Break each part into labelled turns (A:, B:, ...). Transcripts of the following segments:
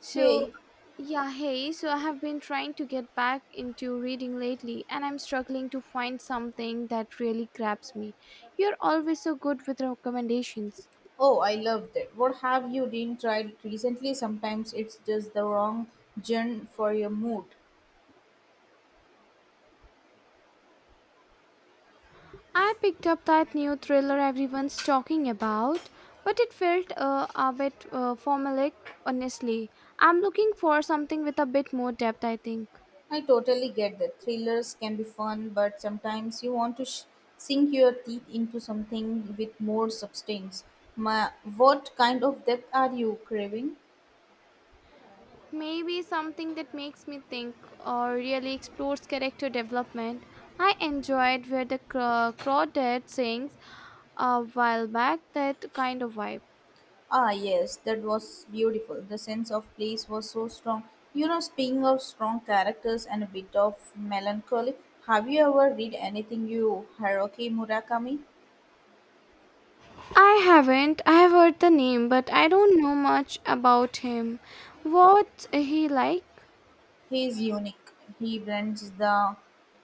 A: So,
B: Hey,
A: yeah, hey, so I have been trying to get back into reading lately and I'm struggling to find something that really grabs me. You're always so good with recommendations.
B: oh, I loved it. What have you been tried recently? Sometimes it's just the wrong genre for your mood.
A: I picked up that new thriller everyone's talking about, but it felt a bit formulaic, honestly. I'm looking for something with a bit more depth, I think.
B: I totally get that. Thrillers can be fun, but sometimes you want to sink your teeth into something with more substance. Ma- what kind of depth are you craving?
A: Maybe something that makes me think or really explores character development. I enjoyed Where the crawdad sings a while back, that kind of vibe.
B: Ah, yes, that was beautiful. The sense of place was so strong. You know, speaking of strong characters and a bit of melancholy, have you ever read anything you Haruki Murakami?
A: I haven't. I have heard the name, but I don't know much about him. What's he like?
B: He is unique. He blends the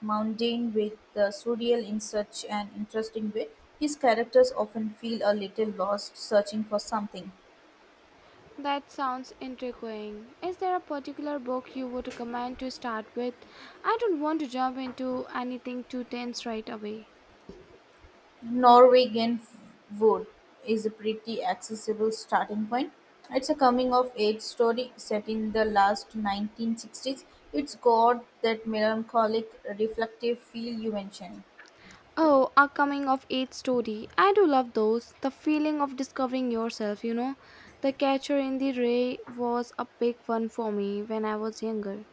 B: mundane with the surreal in such an interesting way. His characters often feel a little lost, searching for something.
A: That sounds intriguing. Is there a particular book you would recommend to start with? I don't want to jump into anything too tense right away.
B: Norwegian Wood is a pretty accessible starting point. It's a coming of age story set in the last 1960s. It's got that melancholic, reflective feel you mentioned.
A: Oh, a coming of age story. I do love those. The feeling of discovering yourself, you know. The Catcher in the Rye was a big one for me when I was younger.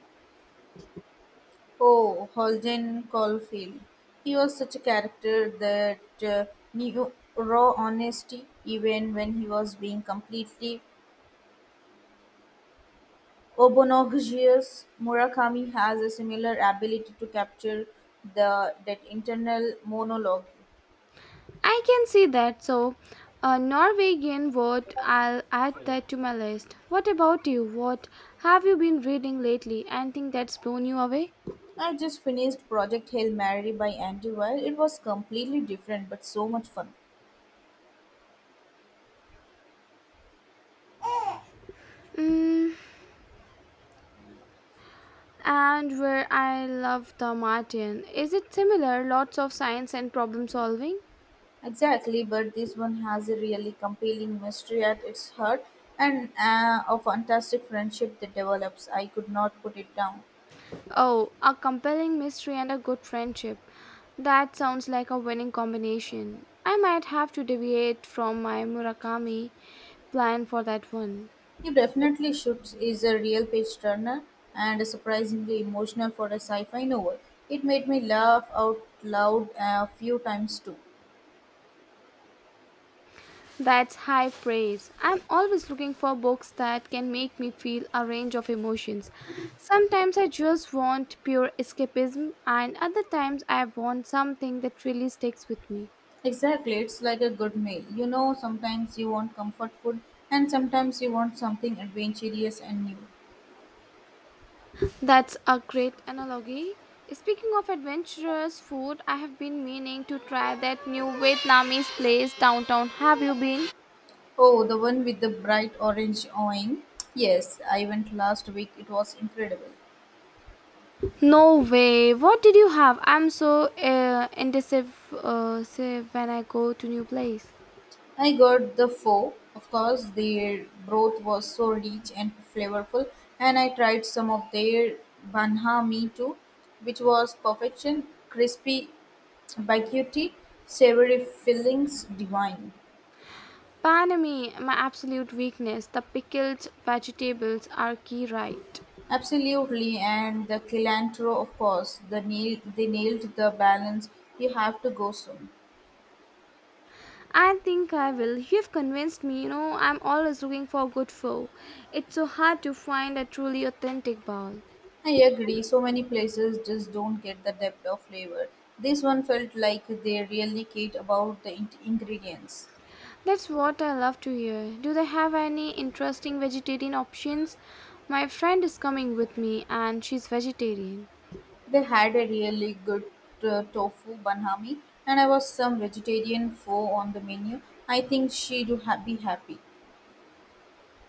B: Oh, Holden Caulfield. He was such a character that knew raw honesty even when he was being completely obnoxious. Murakami has a similar ability to capture the that internal monologue.
A: I can see that. So, a Norwegian word, I'll add that to my list. What about you? What have you been reading lately? Anything that's blown you away?
B: I just finished Project Hail Mary by Andy Weil. It was completely different but so much fun.
A: Mm, and where I love the Martian. Is it similar? Lots of science and problem solving?
B: Exactly, but this one has a really compelling mystery at its heart and a fantastic friendship that develops. I could not put it down.
A: Oh, a compelling mystery and a good friendship. That sounds like a winning combination. I might have to deviate from my Murakami plan for that one.
B: You definitely should is a real page turner and surprisingly emotional for a sci-fi novel. It made me laugh out loud a few times too.
A: That's high praise. I'm always looking for books that can make me feel a range of emotions. Sometimes I just want pure escapism, and other times I want something that really sticks with me.
B: Exactly, it's like a good meal. You know, sometimes you want comfort food and sometimes you want something adventurous and new.
A: That's a great analogy. Speaking of adventurous food, I have been meaning to try that new Vietnamese place downtown. Have you been?
B: Oh, the one with the bright orange awning. Yes, I went last week. It was incredible.
A: No way. What did you have? I'm so indecisive say when I go to new place.
B: I got the four. Of course, their broth was so rich and flavorful, and I tried some of their banha mi too, which was perfection. Crispy, baguette, savory fillings, divine.
A: Panami, my absolute weakness. The pickled vegetables are key right.
B: Absolutely, and the cilantro, of course. The nail, they nailed the balance. You have to go soon.
A: I think I will. You've convinced me, you know, I'm always looking for good pho. It's so hard to find a truly authentic bowl.
B: I agree, so many places just don't get the depth of flavor. This one felt like they really cared about the ingredients.
A: That's what I love to hear. Do they have any interesting vegetarian options? My friend is coming with me and she's vegetarian.
B: They had a really good tofu banhami, and I was some vegetarian pho on the menu. I think she'd be happy.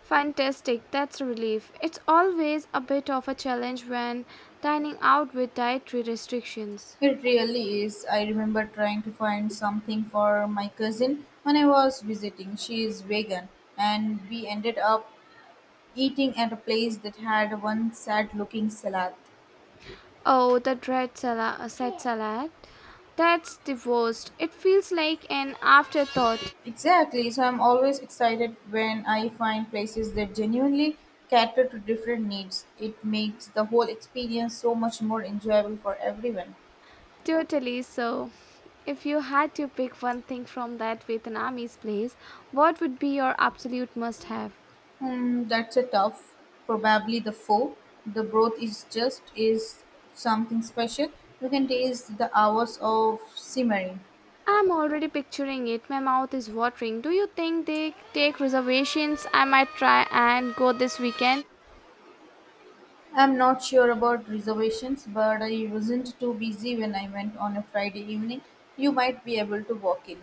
A: Fantastic, that's a relief. It's always a bit of a challenge when dining out with dietary restrictions.
B: It really is. I remember trying to find something for my cousin when I was visiting. She is vegan, and we ended up eating at a place that had one sad looking salad.
A: Oh, the dread salad, set salad. That's the worst. It feels like an afterthought.
B: Exactly. So I'm always excited when I find places that genuinely cater to different needs. It makes the whole experience so much more enjoyable for everyone.
A: Totally so. If you had to pick one thing from that Vietnamese place, what would be your absolute must have?
B: Hmm, that's a tough. Probably the four. The broth is just is something special. You can taste the hours of simmering.
A: I'm already picturing it. My mouth is watering. Do you think they take reservations? I might try and go this weekend.
B: I'm not sure about reservations, but I wasn't too busy when I went on a Friday evening. You might be able to walk in.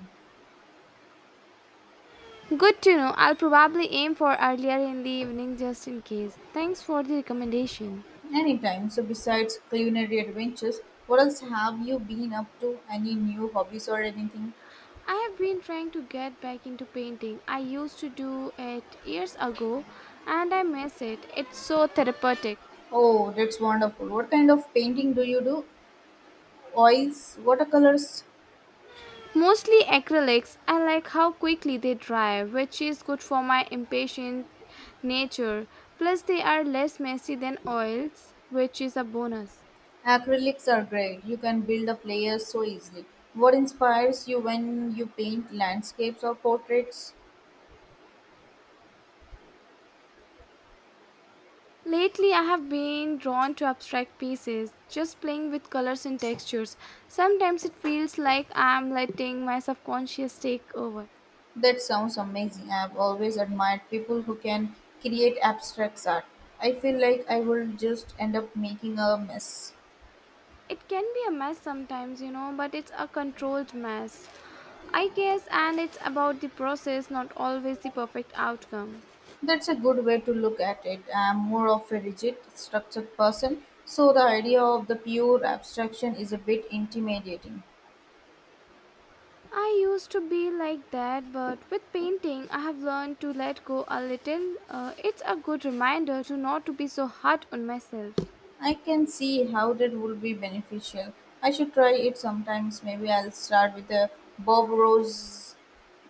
A: Good to know. I'll probably aim for earlier in the evening just in case. Thanks for the recommendation.
B: Anytime. So, besides culinary adventures, what else have you been up to? Any new hobbies or anything?
A: I have been trying to get back into painting. I used to do it years ago and I miss it. It's so therapeutic.
B: Oh, that's wonderful. What kind of painting do you do? Oils, watercolors,
A: Mostly acrylics. I like how quickly they dry, which is good for my impatient nature. Plus, they are less messy than oils, which is a bonus.
B: acrylics are great. You can build up layers so easily. What inspires you when you paint landscapes or portraits?
A: Lately, I have been drawn to abstract pieces, just playing with colors and textures. Sometimes it feels like I am letting my subconscious take over.
B: That sounds amazing. I've always admired people who can create abstract art. I feel like I will just end up making a mess.
A: It can be a mess sometimes, you know, but it's a controlled mess, I guess, and it's about the process, not always the perfect outcome.
B: That's a good way to look at it. I'm more of a rigid, structured person, so the idea of the pure abstraction is a bit intimidating.
A: I used to be like that, but with painting, I have learned to let go a little. It's a good reminder to not to be so hard on myself.
B: I can see how that would be beneficial. I should try it sometimes. Maybe I'll start with a Bob Rose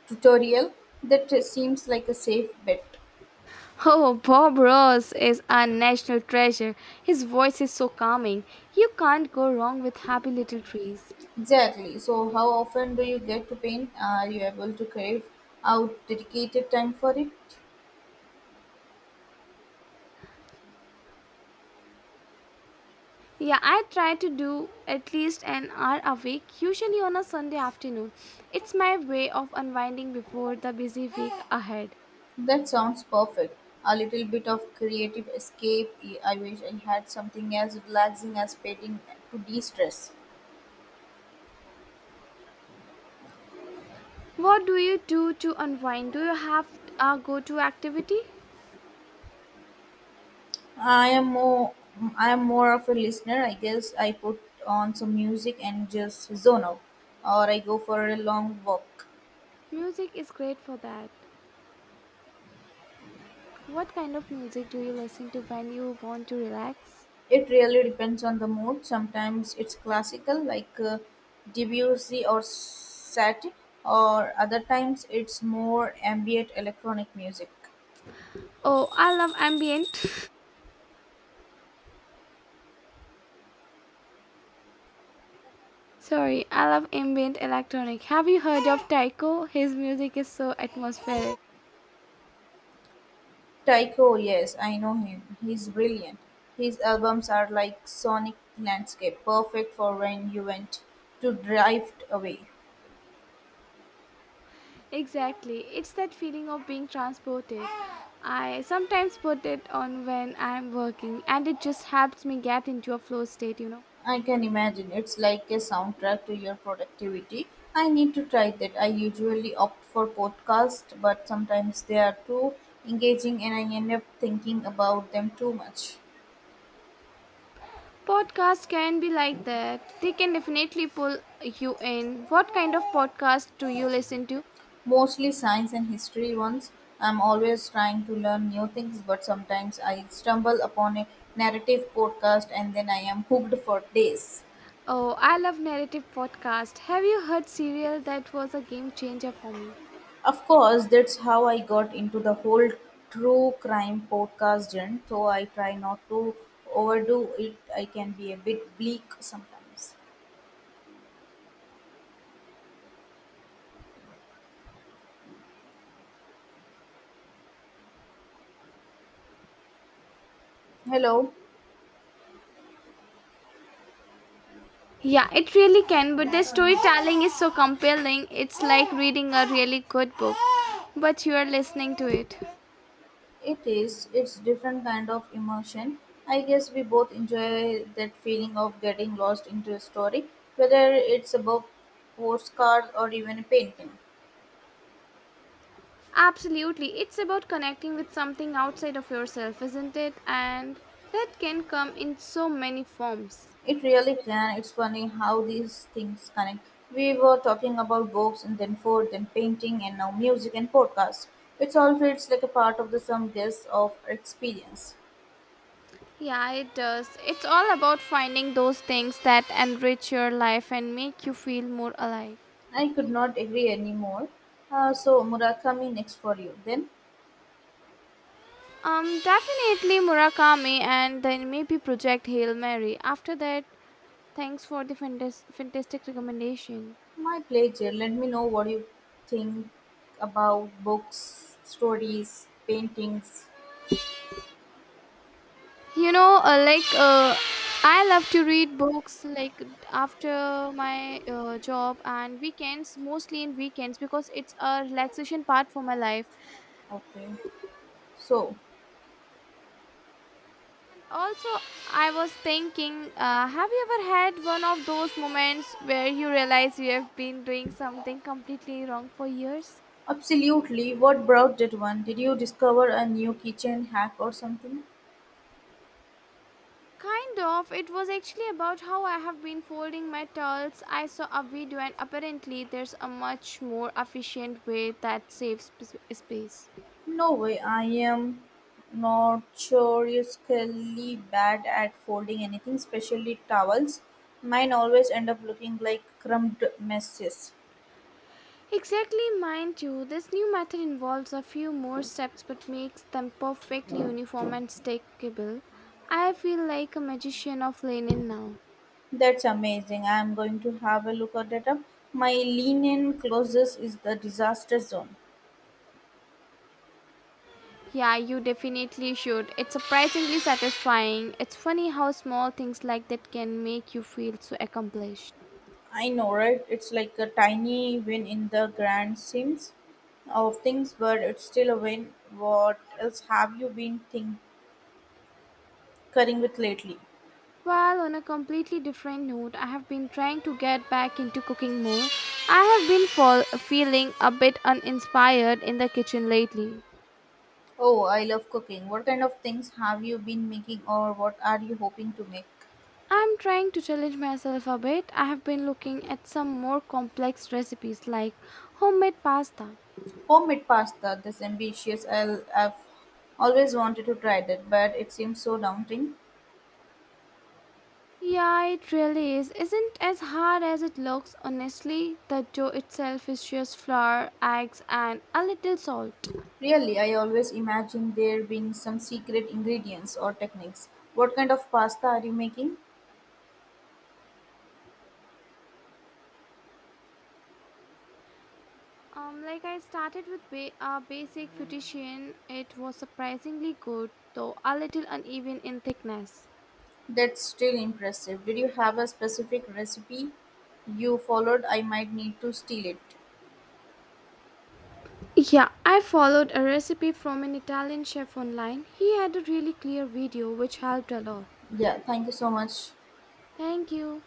B: tutorial. That seems like a safe bet.
A: Oh, Bob Ross is a national treasure. His voice is so calming. You can't go wrong with happy little trees.
B: Exactly. So, how often do you get to paint? Are you able to carve out dedicated time for it?
A: Yeah, I try to do at least an hour a week, usually on a Sunday afternoon. It's my way of unwinding before the busy week ahead.
B: That sounds perfect. A little bit of creative escape. I wish I had something as relaxing as painting to de-stress.
A: What do you do to unwind? Do you have a go to activity?
B: I am more I am more of a listener. I guess I put on some music and just zone out or I go for a long walk.
A: Music is great for that. What kind of music do you listen to when you want to relax?
B: It really depends on the mood. Sometimes it's classical like Debussy or Satie or other times it's more ambient electronic music.
A: Oh, I love ambient. Sorry, I love ambient electronic. Have you heard of Tycho? His music is so atmospheric.
B: Tycho, yes, I know him. He's brilliant. His albums are like sonic landscape, perfect for when you want to drift away.
A: Exactly. It's that feeling of being transported. I sometimes put it on when I'm working and it just helps me get into a flow state, you know.
B: I can imagine it's like a soundtrack to your productivity. I need to try that. I usually opt for podcasts, but sometimes they are too engaging and I end up thinking about them too much.
A: Podcasts can be like that. They can definitely pull you in. What kind of podcast do you listen to?
B: Mostly science and history ones. I'm always trying to learn new things, but sometimes I stumble upon a narrative podcast and then I am hooked for days.
A: Oh, I love narrative podcast. Have you heard Serial? That was a game changer for me.
B: Of course, that's how I got into the whole true crime podcast genre, so I try not to overdo it. I can be a bit bleak sometimes. Hello.
A: Yeah, it really can, but the storytelling is so compelling. It's like reading a really good book, but you are listening to it.
B: It is. It's different kind of emotion. I guess we both enjoy that feeling of getting lost into a story, whether it's a book, postcard, or even a painting.
A: Absolutely. It's about connecting with something outside of yourself, isn't it? And that can come in so many forms.
B: It really can. It's funny how these things connect. We were talking about books and then food, then painting, and now music and podcasts. It's all feels like a part of the sum guess of experience.
A: Yeah, it does. It's all about finding those things that enrich your life and make you feel more alive.
B: I could not agree anymore. So Murakami next for you then.
A: Definitely Murakami and then maybe Project Hail Mary. After that, thanks for the fantastic recommendation.
B: My pleasure. Let me know what you think about books, stories, paintings.
A: You know like I love to read books like after my job and weekends, mostly in weekends because it's a relaxation part for my life.
B: Okay. So,
A: And also I was thinking, have you ever had one of those moments where you realize you have been doing something completely wrong for years?
B: absolutely, what brought that one? Did you discover a new kitchen hack or something?
A: Kind of. It was actually about how I have been folding my towels. I saw a video, and apparently, there's a much more efficient way that saves space.
B: No way, I am notoriously bad at folding anything, especially towels. Mine always end up looking like crumbed messes.
A: Exactly, mind you, this new method involves a few more steps but makes them perfectly uniform and stackable. I feel like a magician of linen now.
B: That's amazing. I'm going to have a look at it up. My lean in closest is the disaster zone.
A: Yeah, you definitely should. It's surprisingly satisfying. It's funny how small things like that can make you feel so accomplished.
B: I know, right? It's like a tiny win in the grand schemes of things, but it's still a win. What else have you been tinkering with lately?
A: While on a completely different note, I have been trying to get back into cooking more. I have been feeling a bit uninspired in the kitchen lately.
B: Oh, I love cooking. What kind of things have you been making, or what are you hoping to make?
A: I'm trying to challenge myself a bit. I have been looking at some more complex recipes like homemade pasta.
B: Homemade pasta. This ambitious. I've always wanted to try that, but it seems so daunting.
A: Yeah, it really is. Isn't as hard as it looks, honestly. The dough itself is just flour, eggs, and a little salt.
B: Really, I always imagine there being some secret ingredients or techniques. What kind of pasta are you making?
A: Like I started with a basic fettuccine. It was surprisingly good, though a little uneven in thickness.
B: That's still impressive. Did you have a specific recipe you followed? I might need to steal it.
A: Yeah, I followed a recipe from an Italian chef online. He had a really clear video which helped a lot.
B: Yeah, thank you so much.
A: Thank you.